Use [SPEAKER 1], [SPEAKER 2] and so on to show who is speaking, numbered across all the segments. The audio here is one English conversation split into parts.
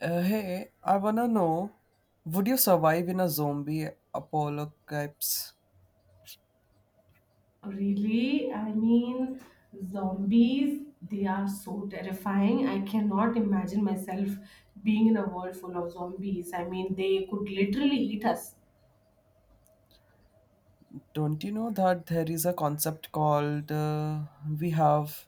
[SPEAKER 1] Hey, I wanna know, would you survive in a zombie apocalypse?
[SPEAKER 2] Really, I mean, zombies, they are so terrifying. I cannot imagine myself being in a world full of zombies. I mean, they could literally eat us.
[SPEAKER 1] Don't you know that there is a concept called, we have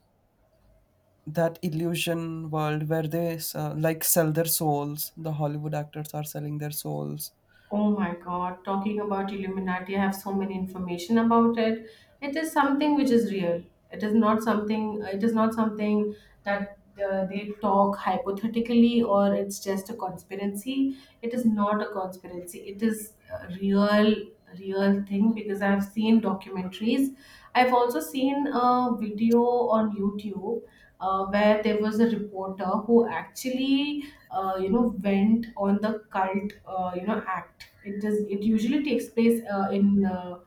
[SPEAKER 1] that illusion world where like sell their souls. The Hollywood actors are selling their souls.
[SPEAKER 2] Oh my God, talking about Illuminati, I have so many information about it. It is something which is real. It is not something that they talk hypothetically or it's just a conspiracy. It is not a conspiracy. It is a real, real thing because I've seen documentaries. I've also seen a video on YouTube where there was a reporter who actually went on the cult, act it does, it usually takes place in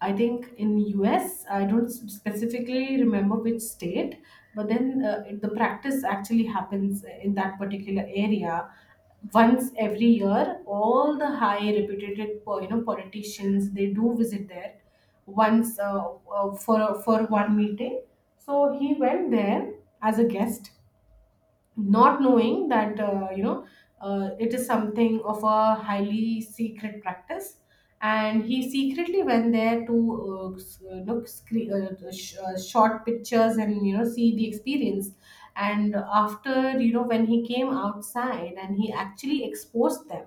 [SPEAKER 2] I think in US. I don't specifically remember which state, but then the practice actually happens in that particular area. Once every year, all the high reputed politicians they do visit there once, for one meeting. So he went there as a guest, not knowing that it is something of a highly secret practice, and he secretly went there to look, short pictures and, see the experience. And after, when he came outside, and he actually exposed them.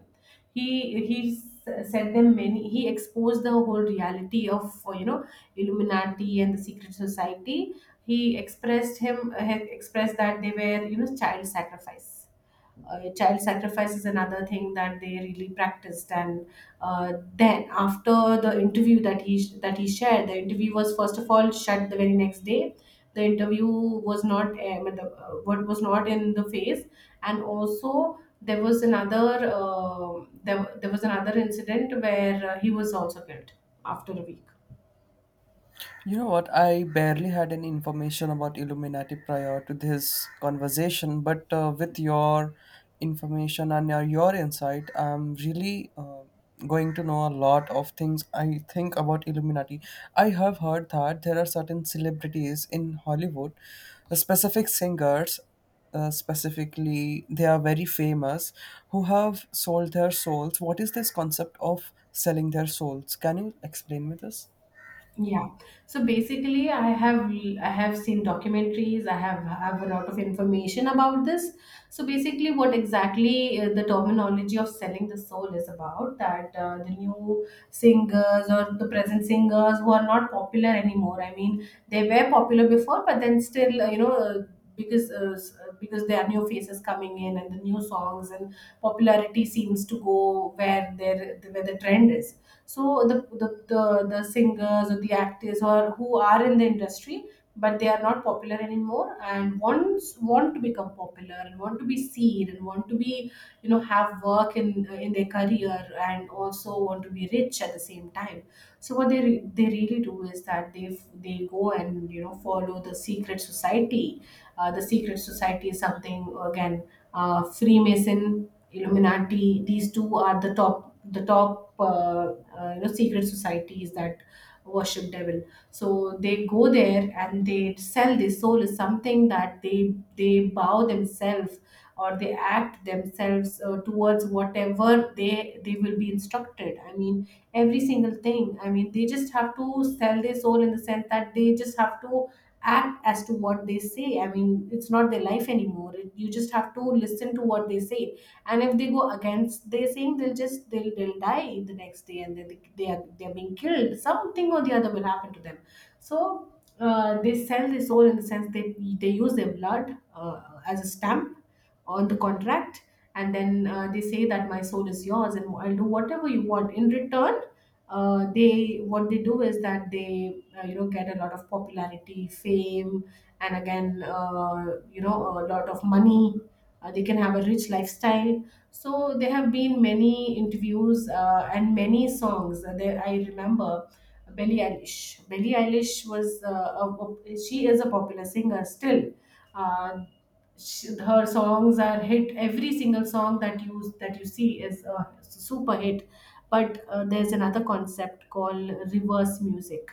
[SPEAKER 2] He sent them many. He exposed the whole reality of, Illuminati and the secret society. He expressed that they were, child sacrifice. Child sacrifice is another thing that they really practiced. And then after the interview that he shared, the interview was first of all shut the very next day. The interview was not, matlab, what, was not in the phase. And also there was another, there was another incident where, he was also killed after a week.
[SPEAKER 1] You know what? I barely had any information about Illuminati prior to this conversation, but with your information and your insight, I'm really going to know a lot of things I think about Illuminati. I have heard that there are certain celebrities in Hollywood, specific singers, specifically, they are very famous, who have sold their souls. What is this concept of selling their souls? Can you explain me this?
[SPEAKER 2] Yeah. So basically, I have seen documentaries. I have a lot of information about this. So basically, what exactly, the terminology of selling the soul is about that, the new singers or the present singers who are not popular anymore. I mean, they were popular before, but then still. Because because there are new faces coming in and the new songs, and popularity seems to go where there where the trend is. So the singers or the actors or who are in the industry, but they are not popular anymore and want to become popular and want to be seen and want to be, have work in their career, and also want to be rich at the same time. So what they really do is that they go and, follow the secret society. The secret society is something again. Freemason, Illuminati, these two are the top secret societies that worship devil. So they go there and they sell their soul, is something that they bow themselves or they act themselves, towards whatever they will be instructed. I mean, every single thing. I mean, they just have to sell their soul in the sense that they just have to act as to what they say. I mean, it's not their life anymore. You just have to listen to what they say. And if they go against their saying, they'll die the next day, and they're being killed. Something or the other will happen to them. So they sell the soul, in the sense they use their blood, as a stamp on the contract, and then, they say that my soul is yours, and I'll do whatever you want in return. They what they do is that they, get a lot of popularity, fame, and again, a lot of money. They can have a rich lifestyle. So there have been many interviews, and many songs. There, I remember Billie Eilish. Billie Eilish was a- she is a popular singer still. Uh, Her songs are hit. Every single song that you see is a super hit. But there's another concept called reverse music.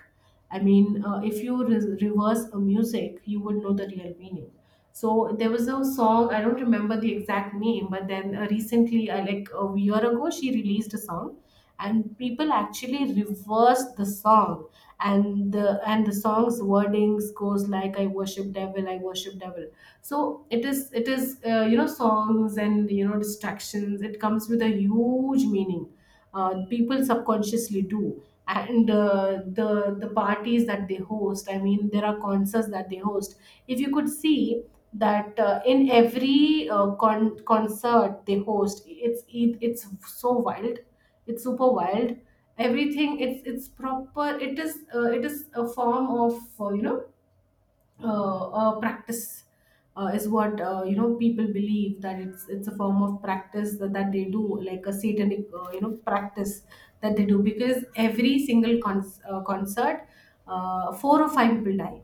[SPEAKER 2] I mean, if you reverse a music, you would know the real meaning. So there was a song, I don't remember the exact name, but then, recently, like a year ago, she released a song, and people actually reverse the song, and the song's wordings goes like, "I worship devil, I worship devil." So it is it is uh, you know songs and, distractions, it comes with a huge meaning. People subconsciously do. And, the parties that they host, I mean, there are concerts that they host. If you could see that, in every, concert they host, it's, it's so wild, it's super wild. Everything, it's proper, it is, it is a form of, practice, is what, people believe, that it's a form of practice that they do, like a satanic, practice that they do. Because every single, concert, four or five people die,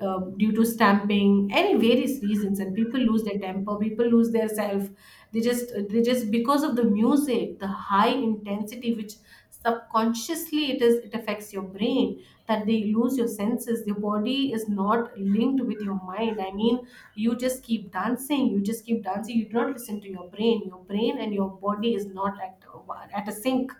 [SPEAKER 2] due to stamping, any various reasons, and people lose their temper, people lose their self. They just Because of the music, the high intensity, which subconsciously, it affects your brain, that they lose your senses, your body is not linked with your mind. I mean, you just keep dancing, you just keep dancing, you do not listen to your brain. Your brain and your body is not at a sync.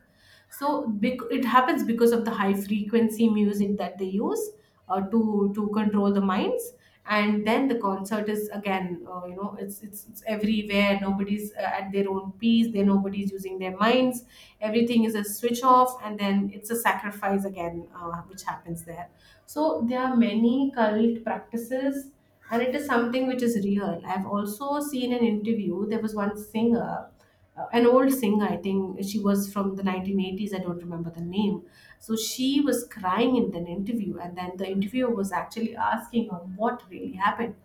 [SPEAKER 2] So it happens because of the high frequency music that they use, to control the minds. And then the concert is again, it's, it's everywhere, nobody's, at their own peace there, nobody's using their minds. Everything is a switch off, and then it's a sacrifice again, which happens there. So there are many cult practices. And it is something which is real. I've also seen an interview, there was one singer, an old singer, I think she was from the 1980s, I don't remember the name. So she was crying in an interview, and then the interviewer was actually asking her, what really happened?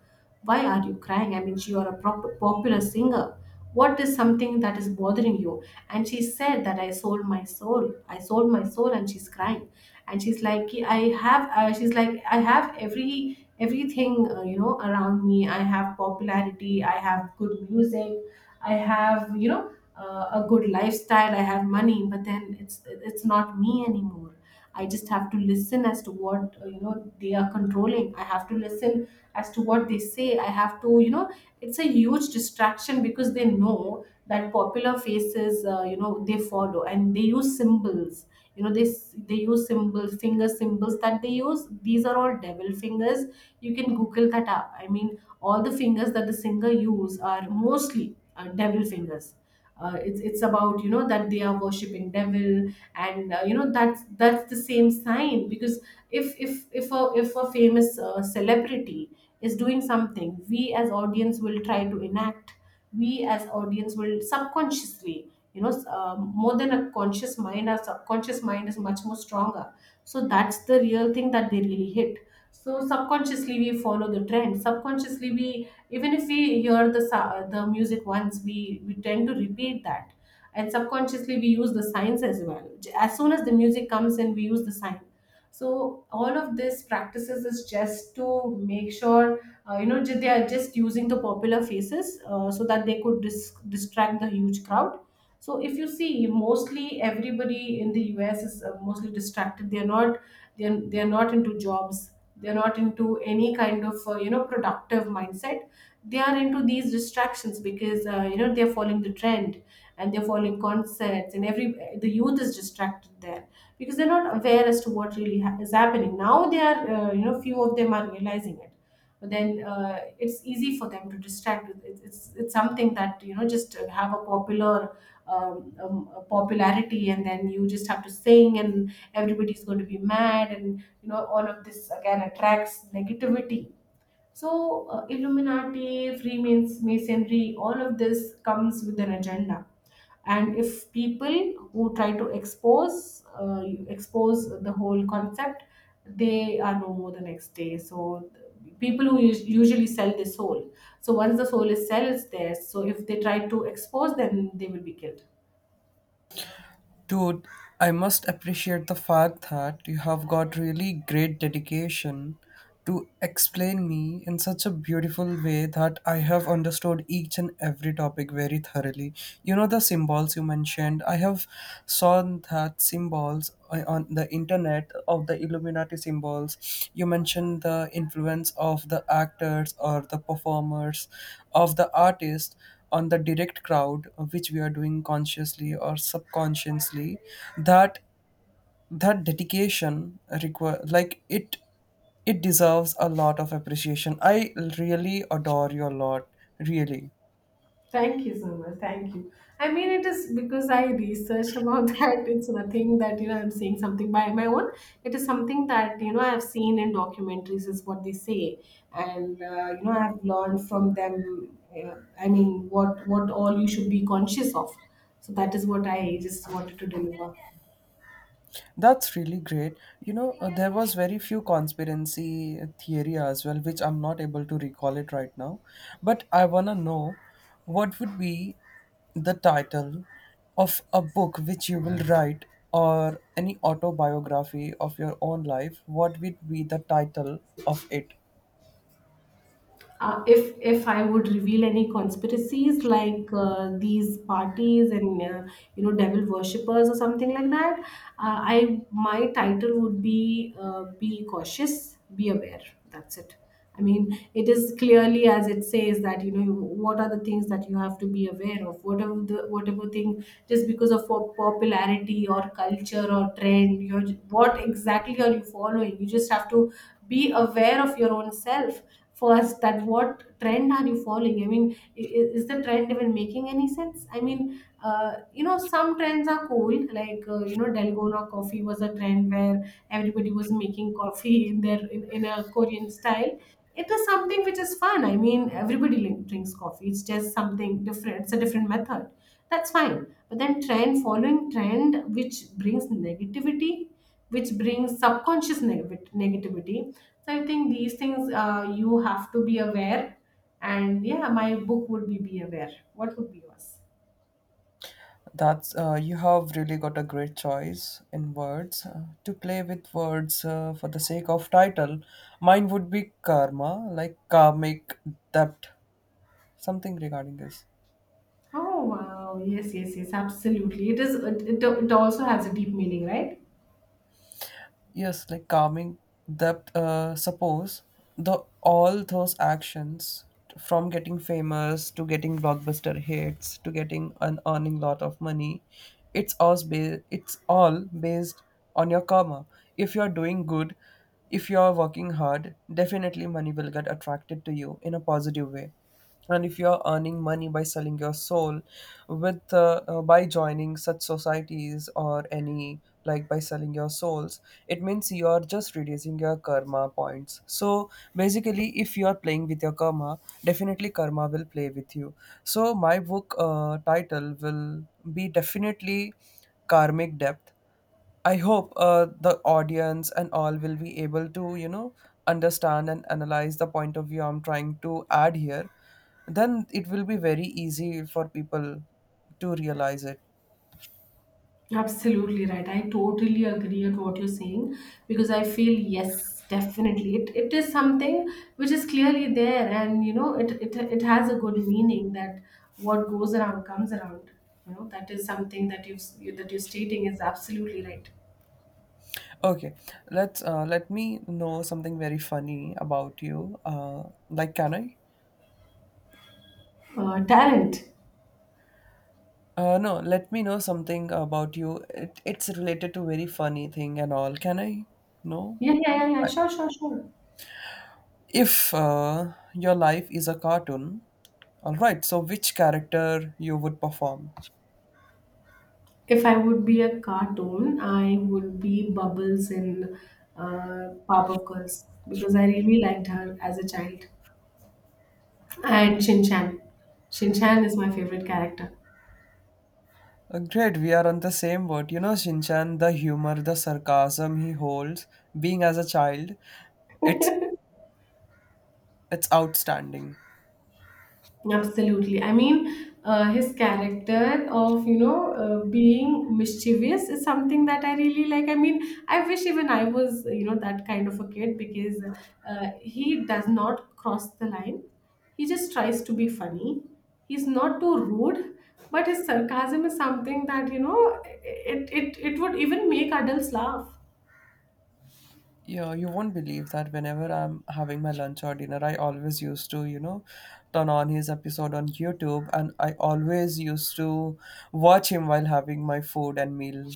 [SPEAKER 2] Why are you crying? I mean, you are a popular singer. What is something that is bothering you? And she said that, "I sold my soul, I sold my soul," and she's crying, and she's like, "I have, she's like, "I have everything, around me. I have popularity, I have good music, I have, a good lifestyle. I have money, but then it's not me anymore. I just have to listen as to what, they are controlling. I have to listen as to what they say. I have to, it's a huge distraction, because they know that popular faces, they follow, and they use symbols. You know this, they use symbols, finger symbols that they use, these are all devil fingers. You can google that up. I mean, all the fingers that the singer use are mostly, devil fingers. It's about, that they are worshiping devil. And, that's the same sign. Because if a famous, celebrity is doing something, we as audience will try to enact. We as audience will subconsciously, more than a conscious mind, our subconscious mind is much more stronger. So that's the real thing that they really hit. So subconsciously we follow the trend. Subconsciously we, even if we hear the the music once, we tend to repeat that. And subconsciously we use the signs as well. As soon as the music comes in, we use the sign. So all of this practices is just to make sure, they are just using the popular faces, so that they could distract the huge crowd. So if you see, mostly everybody in the US is, mostly distracted. They are not, they are not into jobs, they're not into any kind of, productive mindset. They are into these distractions, because, they're following the trend. And they're following concerts, and every the youth is distracted there, because they're not aware as to what really is happening. Now they are, few of them are realizing it, then, it's easy for them to distract with it. It's something that you know just have a popular a popularity, and then you just have to sing and everybody's going to be mad, and you know all of this again attracts negativity. So, Illuminati, Freemasonry, all of this comes with an agenda. And if people who try to expose the whole concept, they are no more the next day. So, people who usually sell the soul. So, once the soul is sells there. So if they try to expose, then they will be killed.
[SPEAKER 1] Dude, I must appreciate the fact that you have got really great dedication to explain me in such a beautiful way that I have understood each and every topic very thoroughly. You know the symbols you mentioned. I have saw that symbols on the internet of the Illuminati symbols. You mentioned the influence of the actors or the performers of the artist on the direct crowd, which we are doing consciously or subconsciously, that dedication require, like, it deserves a lot of appreciation. I really adore you a lot. Really.
[SPEAKER 2] Thank you so much. Thank you. I mean, it is because I research about that. It's nothing that you know I'm saying something by my own. It is something that you know I've seen in documentaries is what they say, and you know I've learned from them. I mean, what all you should be conscious of. So that is what I just wanted to deliver.
[SPEAKER 1] That's really great. You know, there was very few conspiracy theory as well, which I'm not able to recall it right now. But I wanna know what would be the title of a book which you will write or any autobiography of your own life. What would be the title of it?
[SPEAKER 2] If I would reveal any conspiracies like these parties and you know devil worshippers or something like that, I my title would be cautious, be aware. That's it. I mean, it is clearly as it says that you know what are the things that you have to be aware of. Whatever thing, just because of popularity or culture or trend, you're, what exactly are you following? You just have to be aware of your own self first. That what trend are you following? I mean, is the trend even making any sense? I mean, you know some trends are cool, like you know dalgona coffee was a trend where everybody was making coffee in in a Korean style. It is something which is fun. I mean, everybody drinks coffee, it's just something different, it's a different method. That's fine. But then trend following trend which brings negativity, which brings subconscious negativity. So I think these things you have to be aware. And yeah, my book would be Aware. What would be yours?
[SPEAKER 1] That's, you have really got a great choice in words, to play with words, for the sake of title. Mine would be karma, like karmic debt, something regarding this.
[SPEAKER 2] Oh wow! Yes, yes, yes. Absolutely. It is. It also has a deep meaning, right?
[SPEAKER 1] Yes, like calming depth. Suppose the all those actions from getting famous to getting blockbuster hits to getting and earning lot of money, It's all based on your karma. If you're doing good, if you're working hard, definitely money will get attracted to you in a positive way. And if you are earning money by selling your soul with by joining such societies or any, like, by selling your souls, it means you are just reducing your karma points. So basically, if you are playing with your karma, definitely karma will play with you. So my book title will be definitely karmic depth. I hope the audience and all will be able to understand and analyze the point of view I'm trying to add here. Then it will be very easy for people to realize it.
[SPEAKER 2] Absolutely right. I totally agree on what you're saying, because I feel yes, definitely it is something which is clearly there, and you know it has a good meaning that what goes around comes around. You know that is something that you're stating is absolutely right.
[SPEAKER 1] Okay, let me know something very funny about you. Like, can I?
[SPEAKER 2] Talent.
[SPEAKER 1] No, let me know something about you. It's related to very funny thing and all. Can I? No.
[SPEAKER 2] Yeah, yeah, yeah, yeah. Sure, sure, sure.
[SPEAKER 1] If your life is a cartoon, all right. So which character you would perform?
[SPEAKER 2] If I would be a cartoon, I would be Bubbles in Powerpuff Girls, because I really liked her as a child. And Shinchan. Shinchan is my favorite character.
[SPEAKER 1] Great, we are on the same boat. You know, Shinchan, the humor, the sarcasm he holds, being as a child, it's it's outstanding.
[SPEAKER 2] Absolutely. I mean, his character of, you know, being mischievous is something that I really like. I mean, I wish even I was, you know, that kind of a kid, because he does not cross the line. He just tries to be funny. He's not too rude, but his sarcasm is something that, you know, it would even make adults laugh.
[SPEAKER 1] Yeah, you won't believe that whenever I'm having my lunch or dinner, I always used to turn on his episode on YouTube, and I always used to watch him while having my food and meal.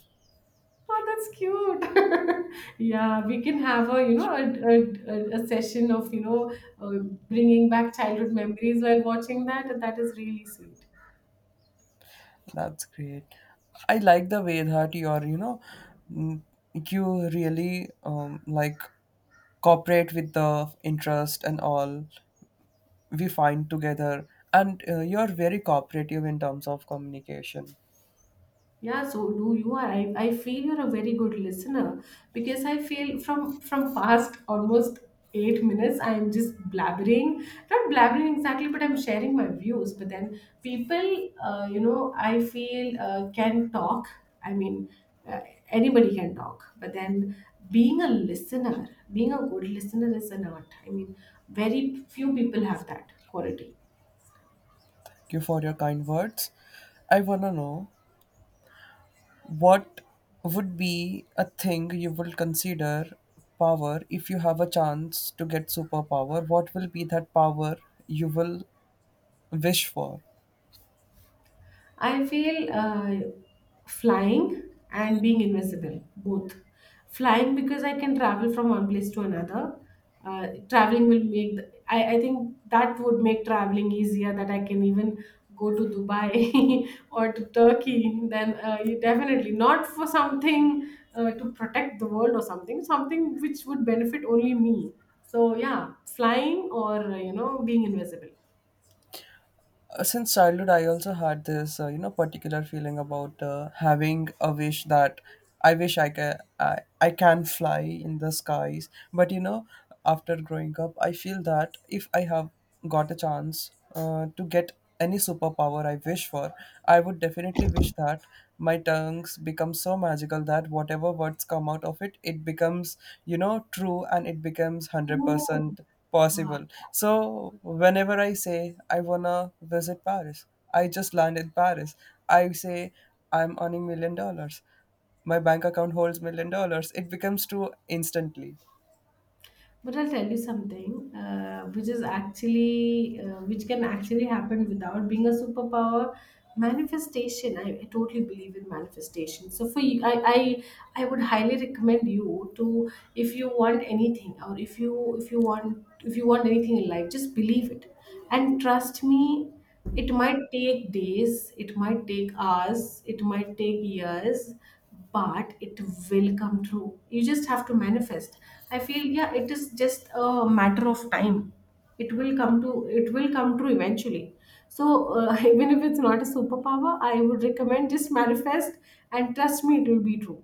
[SPEAKER 2] Oh, that's cute. Yeah, we can have a you know a session of you know uh, bringing back childhood memories while watching that. That is really sweet.
[SPEAKER 1] That's great. I like the way that you're, you know, mm, you really like cooperate with the interest and all we find together. And you're very cooperative in terms of communication. Thank
[SPEAKER 2] Yeah, so do you are. I feel you're a very good listener, because I feel from past almost 8 minutes I'm just blabbering. Not blabbering exactly, but I'm sharing my views. But then people, you know, I feel can talk. I mean, uh, anybody can talk. But then being a listener, being a good listener is an art. I mean, very few people have that quality.
[SPEAKER 1] you for your kind words. I want to know what would be a thing you will consider power if you have a chance to get superpower? What will be that power you will wish for?
[SPEAKER 2] I feel flying and being invisible, both. Flying because I can travel from one place to another. Traveling will make, the, I think that would make traveling easier, that I can even go to Dubai or to Turkey. Then you definitely, not for something to protect the world or something, something which would benefit only me. So yeah, flying or, you know, being invisible.
[SPEAKER 1] Since childhood, I also had this particular feeling about having a wish that I wish I can I can fly in the skies. But you know, after growing up, I feel that if I have got a chance to get any superpower I wish for, I would definitely wish that my tongues become so magical that whatever words come out of it, it becomes true and it becomes
[SPEAKER 2] Oh,
[SPEAKER 1] 100%
[SPEAKER 2] wow.
[SPEAKER 1] possible. So whenever I say I wanna visit Paris, I just landed Paris. I say I'm earning $1 million. My bank account holds $1 million. It becomes true instantly.
[SPEAKER 2] But I'll tell you something, which is actually, which can actually happen without being a superpower. Manifestation. I totally believe in manifestation. So for you, I would highly recommend you to, if you want anything, or if you if you want anything in life, just believe it. And trust me, it might take days, it might take hours, it might take years, but it will come true. You just have to manifest. I feel yeah, it is just a matter of time. It will come true eventually. So even if it's not a superpower, I would recommend just manifest, and trust me, it will be true.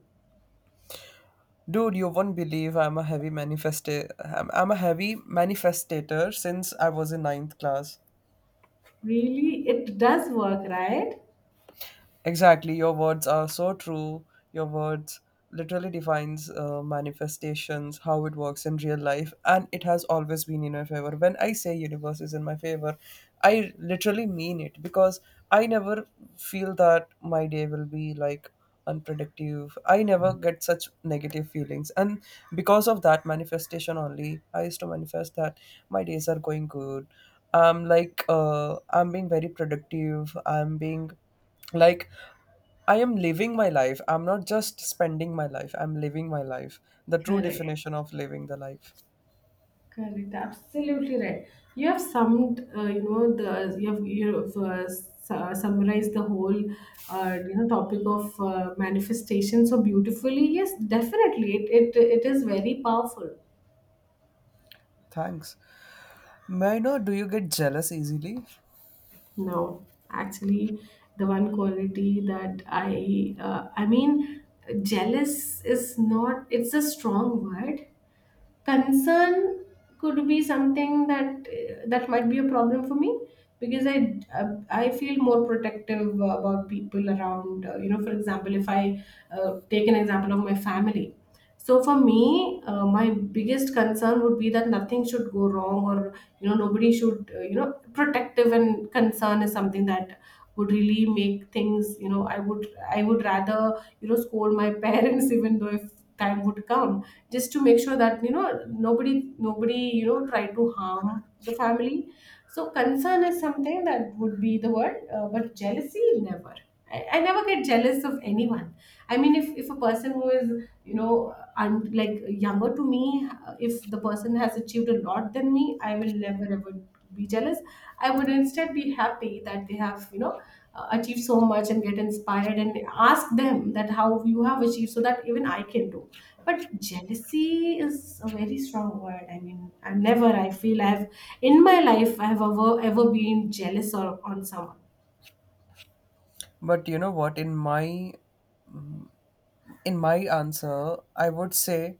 [SPEAKER 1] Dude, you won't believe I'm a heavy manifestator since I was in ninth class.
[SPEAKER 2] Really, it does work, right?
[SPEAKER 1] Exactly, your words are so true. Your words literally defines manifestations, how it works in real life, and it has always been in my favor. When I say universe is in my favor, I literally mean it because I never feel that my day will be like unpredictive. I never get such negative feelings, and because of that manifestation only, I used to manifest that my days are going good. I'm like I'm being very productive. I'm being like, I am living my life. I'm not just spending my life, I'm living my life, the true
[SPEAKER 2] Correct.
[SPEAKER 1] definition of living the life.
[SPEAKER 2] Correct, absolutely right. You have summed, you know, the you have summarized the whole, you know, topic of manifestation so beautifully. Yes, definitely, it is very powerful.
[SPEAKER 1] Thanks. May I know, do you get jealous easily?
[SPEAKER 2] No, actually, the one quality that I mean, jealous is not. It's a strong word, concern could be something that that might be a problem for me, because I feel more protective about people around. You know, for example, if I take an example of my family, so for me my biggest concern would be that nothing should go wrong, or you know nobody should you know. Protective and concern is something that would really make things, you know. I would I would rather you know scold my parents, even though if time would come, just to make sure that you know nobody you know try to harm the family. So concern is something that would be the word, but jealousy never. I never get jealous of anyone. I mean, if a person who is you know like younger to me, if the person has achieved a lot than me, I will never ever be jealous. I would instead be happy that they have you know achieved so much, and get inspired, and ask them that how you have achieved, so that even I can do. But jealousy is a very strong word. I mean, I never I feel I've in my life I have ever ever been jealous or on someone.
[SPEAKER 1] But you know what, in my answer, I would say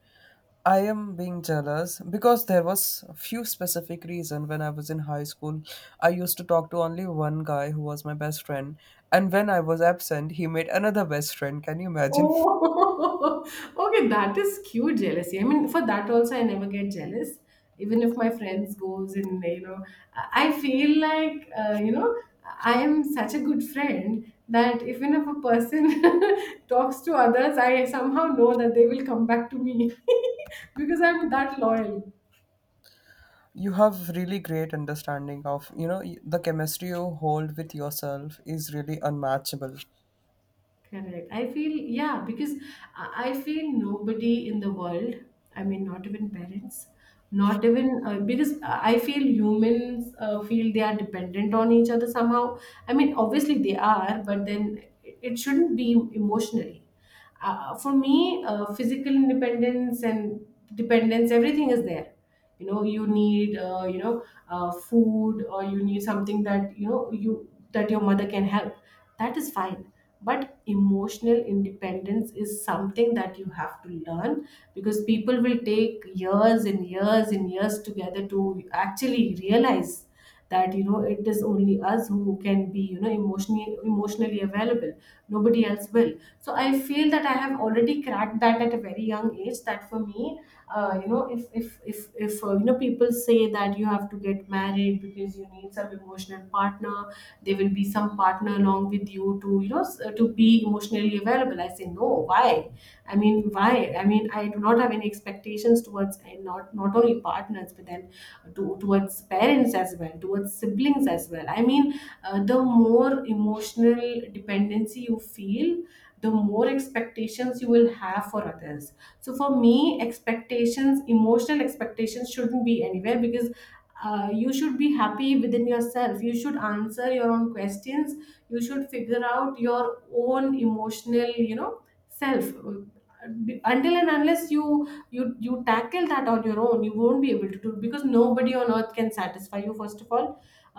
[SPEAKER 1] I am being jealous because there was a few specific reason when I was in high school. I used to talk to only one guy who was my best friend, and when I was absent, he made another best friend. Can you imagine?
[SPEAKER 2] Oh, okay, that is cute jealousy. I mean, for that also, I never get jealous. Even if my friends goes and you know, I feel like you know, I am such a good friend that even if a person talks to others, I somehow know that they will come back to me, because I'm that loyal.
[SPEAKER 1] You have really great understanding of, you know, the chemistry you hold with yourself is really unmatchable.
[SPEAKER 2] Correct. I feel, yeah, because I feel nobody in the world, I mean, not even parents, not even because I feel humans feel they are dependent on each other somehow. I mean, obviously they are, but then it shouldn't be emotionally for me. Physical independence and dependence, everything is there. You know, you need you know food, or you need something that you know you that your mother can help, that is fine. But emotional independence is something that you have to learn, because people will take years and years and years together to actually realize that you know it is only us who can be you know emotionally available, nobody else will. So I feel that I have already cracked that at a very young age, that for me you know, if you know, people say that you have to get married because you need some emotional partner, there will be some partner along with you to you know to be emotionally available, I say no, why? I mean why I mean, I do not have any expectations towards. And not only partners, but then towards parents as well, towards siblings as well. I mean, the more emotional dependency you feel, the more expectations you will have for others. So for me, expectations, emotional expectations, shouldn't be anywhere because. You should be happy within yourself. You should answer your own questions. You should figure out your own emotional, self. Until and unless you tackle that on your own, you won't be able to, do because nobody on earth can satisfy you. First of all,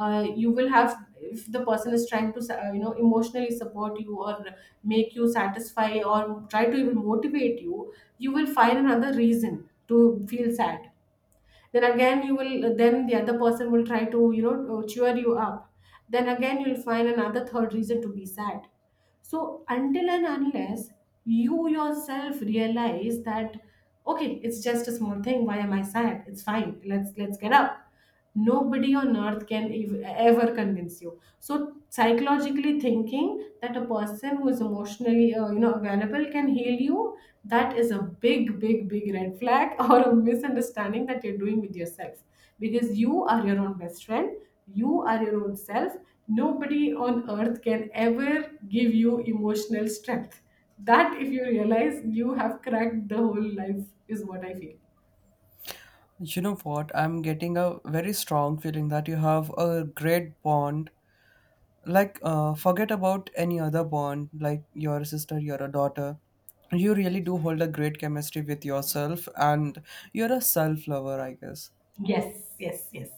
[SPEAKER 2] you will have, if the person is trying to emotionally support you, or make you satisfy, or try to even motivate you, you will find another reason to feel sad. Then again you will, then the other person will try to cheer you up, then again you'll find another third reason to be sad. So until and unless you yourself realize that, okay, it's just a small thing, why am I sad? It's fine. Let's get up. Nobody on earth can ever convince you. So, psychologically thinking, that a person who is emotionally, available, can heal you, that is a big, big, big red flag or a misunderstanding that you're doing with yourself, because you are your own best friend, you are your own self. Nobody on earth can ever give you emotional strength. That, if you realize, you have cracked the whole life, is what I feel.
[SPEAKER 1] You know what, I'm getting a very strong feeling that you have a great bond. Like, forget about any other bond like your sister, you're a daughter. You really do hold a great chemistry with yourself, and you're a self lover, I guess.
[SPEAKER 2] Yes, yes, yes.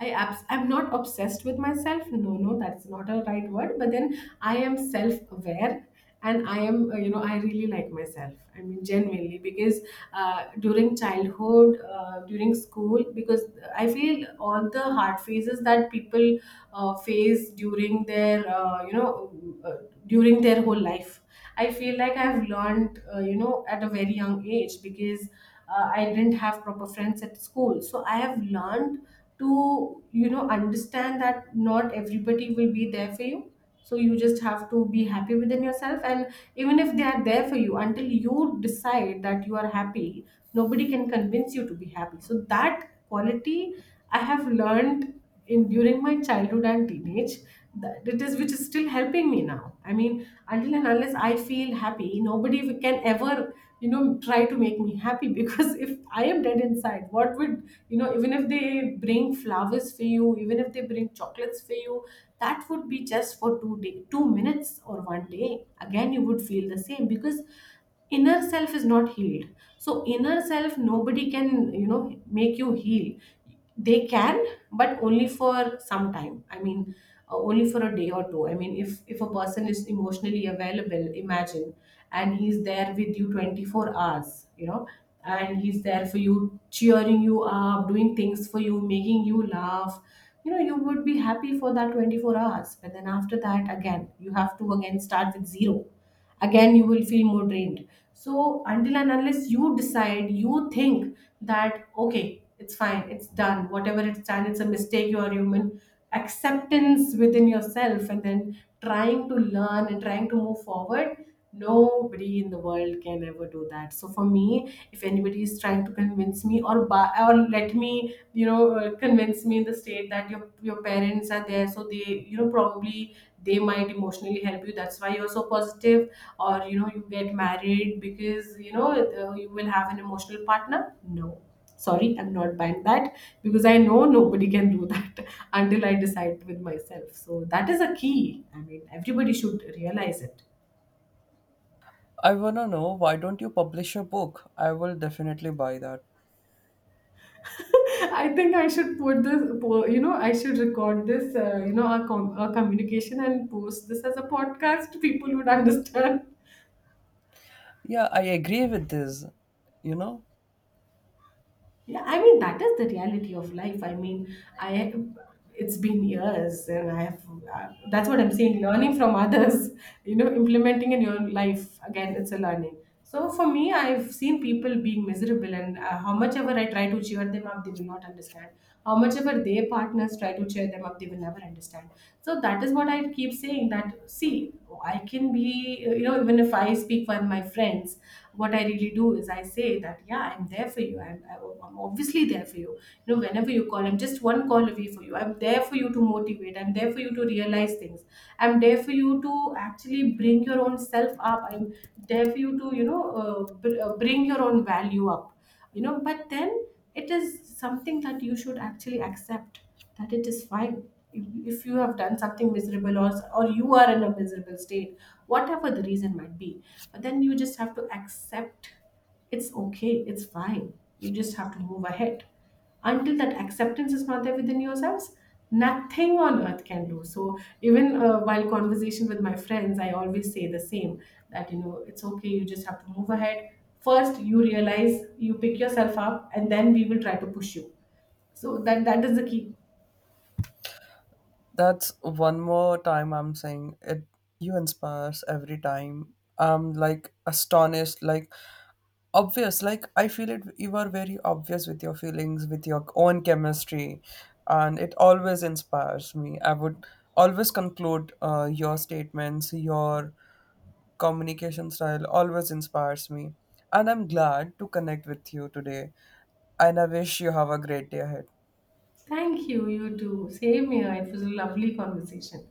[SPEAKER 2] I'm not obsessed with myself. No, no, that's not a right word. But then I am self-aware, and I am, I really like myself. I mean, genuinely, because during childhood, during school, because I feel all the hard phases that people face during their, uh, during their whole life, I feel like I've learned, at a very young age, because I didn't have proper friends at school. So I have learned to, understand that not everybody will be there for you. So you just have to be happy within yourself. And even if they are there for you, until you decide that you are happy, nobody can convince you to be happy. So that quality I have learned in, during my childhood and teenage, that it is, which is still helping me now. I mean, until and unless I feel happy, nobody can ever, try to make me happy, because if I am dead inside, what would, even if they bring flowers for you, even if they bring chocolates for you, that would be just for 2 day, 2 minutes, or one day. Again, you would feel the same, because inner self is not healed. So inner self, nobody can, make you heal. They can, but only for some time. I mean, only for a day or two. I mean, if a person is emotionally available, imagine, and he's there with you 24 hours, and he's there for you, cheering you up, doing things for you, making you laugh, you would be happy for that 24 hours, but then after that, again you have to again start with zero. Again, you will feel more drained. So until and unless you decide, you think that okay, it's fine, it's done, whatever it's done, it's a mistake, you are human, acceptance within yourself and then trying to learn and trying to move forward. Nobody in the world can ever do that. So for me, if anybody is trying to convince me, or buy, or let me, convince me in the state that your parents are there, so they, probably they might emotionally help you, that's why you're so positive, or you get married because you will have an emotional partner. No, sorry, I'm not buying that, because I know nobody can do that until I decide with myself. So that is a key. I mean, everybody should realize it.
[SPEAKER 1] I wanna know, why don't you publish a book? I will definitely buy that.
[SPEAKER 2] I think I should I should record this, our communication and post this as a podcast. People would understand.
[SPEAKER 1] Yeah, I agree with this, you know.
[SPEAKER 2] Yeah, I mean, that is the reality of life. I mean, I it's been years, and I have, that's what I'm saying. Learning from others, implementing in your life, again, it's a learning. So for me, I've seen people being miserable, and how much ever I try to cheer them up, they will not understand. How much ever their partners try to cheer them up, they will never understand. So that is what I keep saying. That see, I can be, even if I speak for my friends, what I really do is I say that, yeah, I'm there for you, I'm obviously there for you. You know Whenever you call, I'm just one call away for you. I'm there for you to motivate, I'm there for you to realize things, I'm there for you to actually bring your own self up, I'm there for you to, bring your own value up. But then it is something that you should actually accept. That it is fine, if if you have done something miserable, or you are in a miserable state, whatever the reason might be, then you just have to accept, it's okay, it's fine. You just have to move ahead. Until that acceptance is not there within yourselves, nothing on earth can do. So, even while conversation with my friends, I always say the same, that it's okay, you just have to move ahead. First, you realize, you pick yourself up, and then we will try to push you. So, that is the key.
[SPEAKER 1] That's one more time I'm saying it. You inspire us every time. I'm like astonished, like obvious. Like I feel it. You are very obvious with your feelings, with your own chemistry, and it always inspires me. I would always conclude, your statements, your communication style always inspires me, and I'm glad to connect with you today. And I wish you have a great day ahead.
[SPEAKER 2] Thank you, you too. Same here. It was a lovely conversation.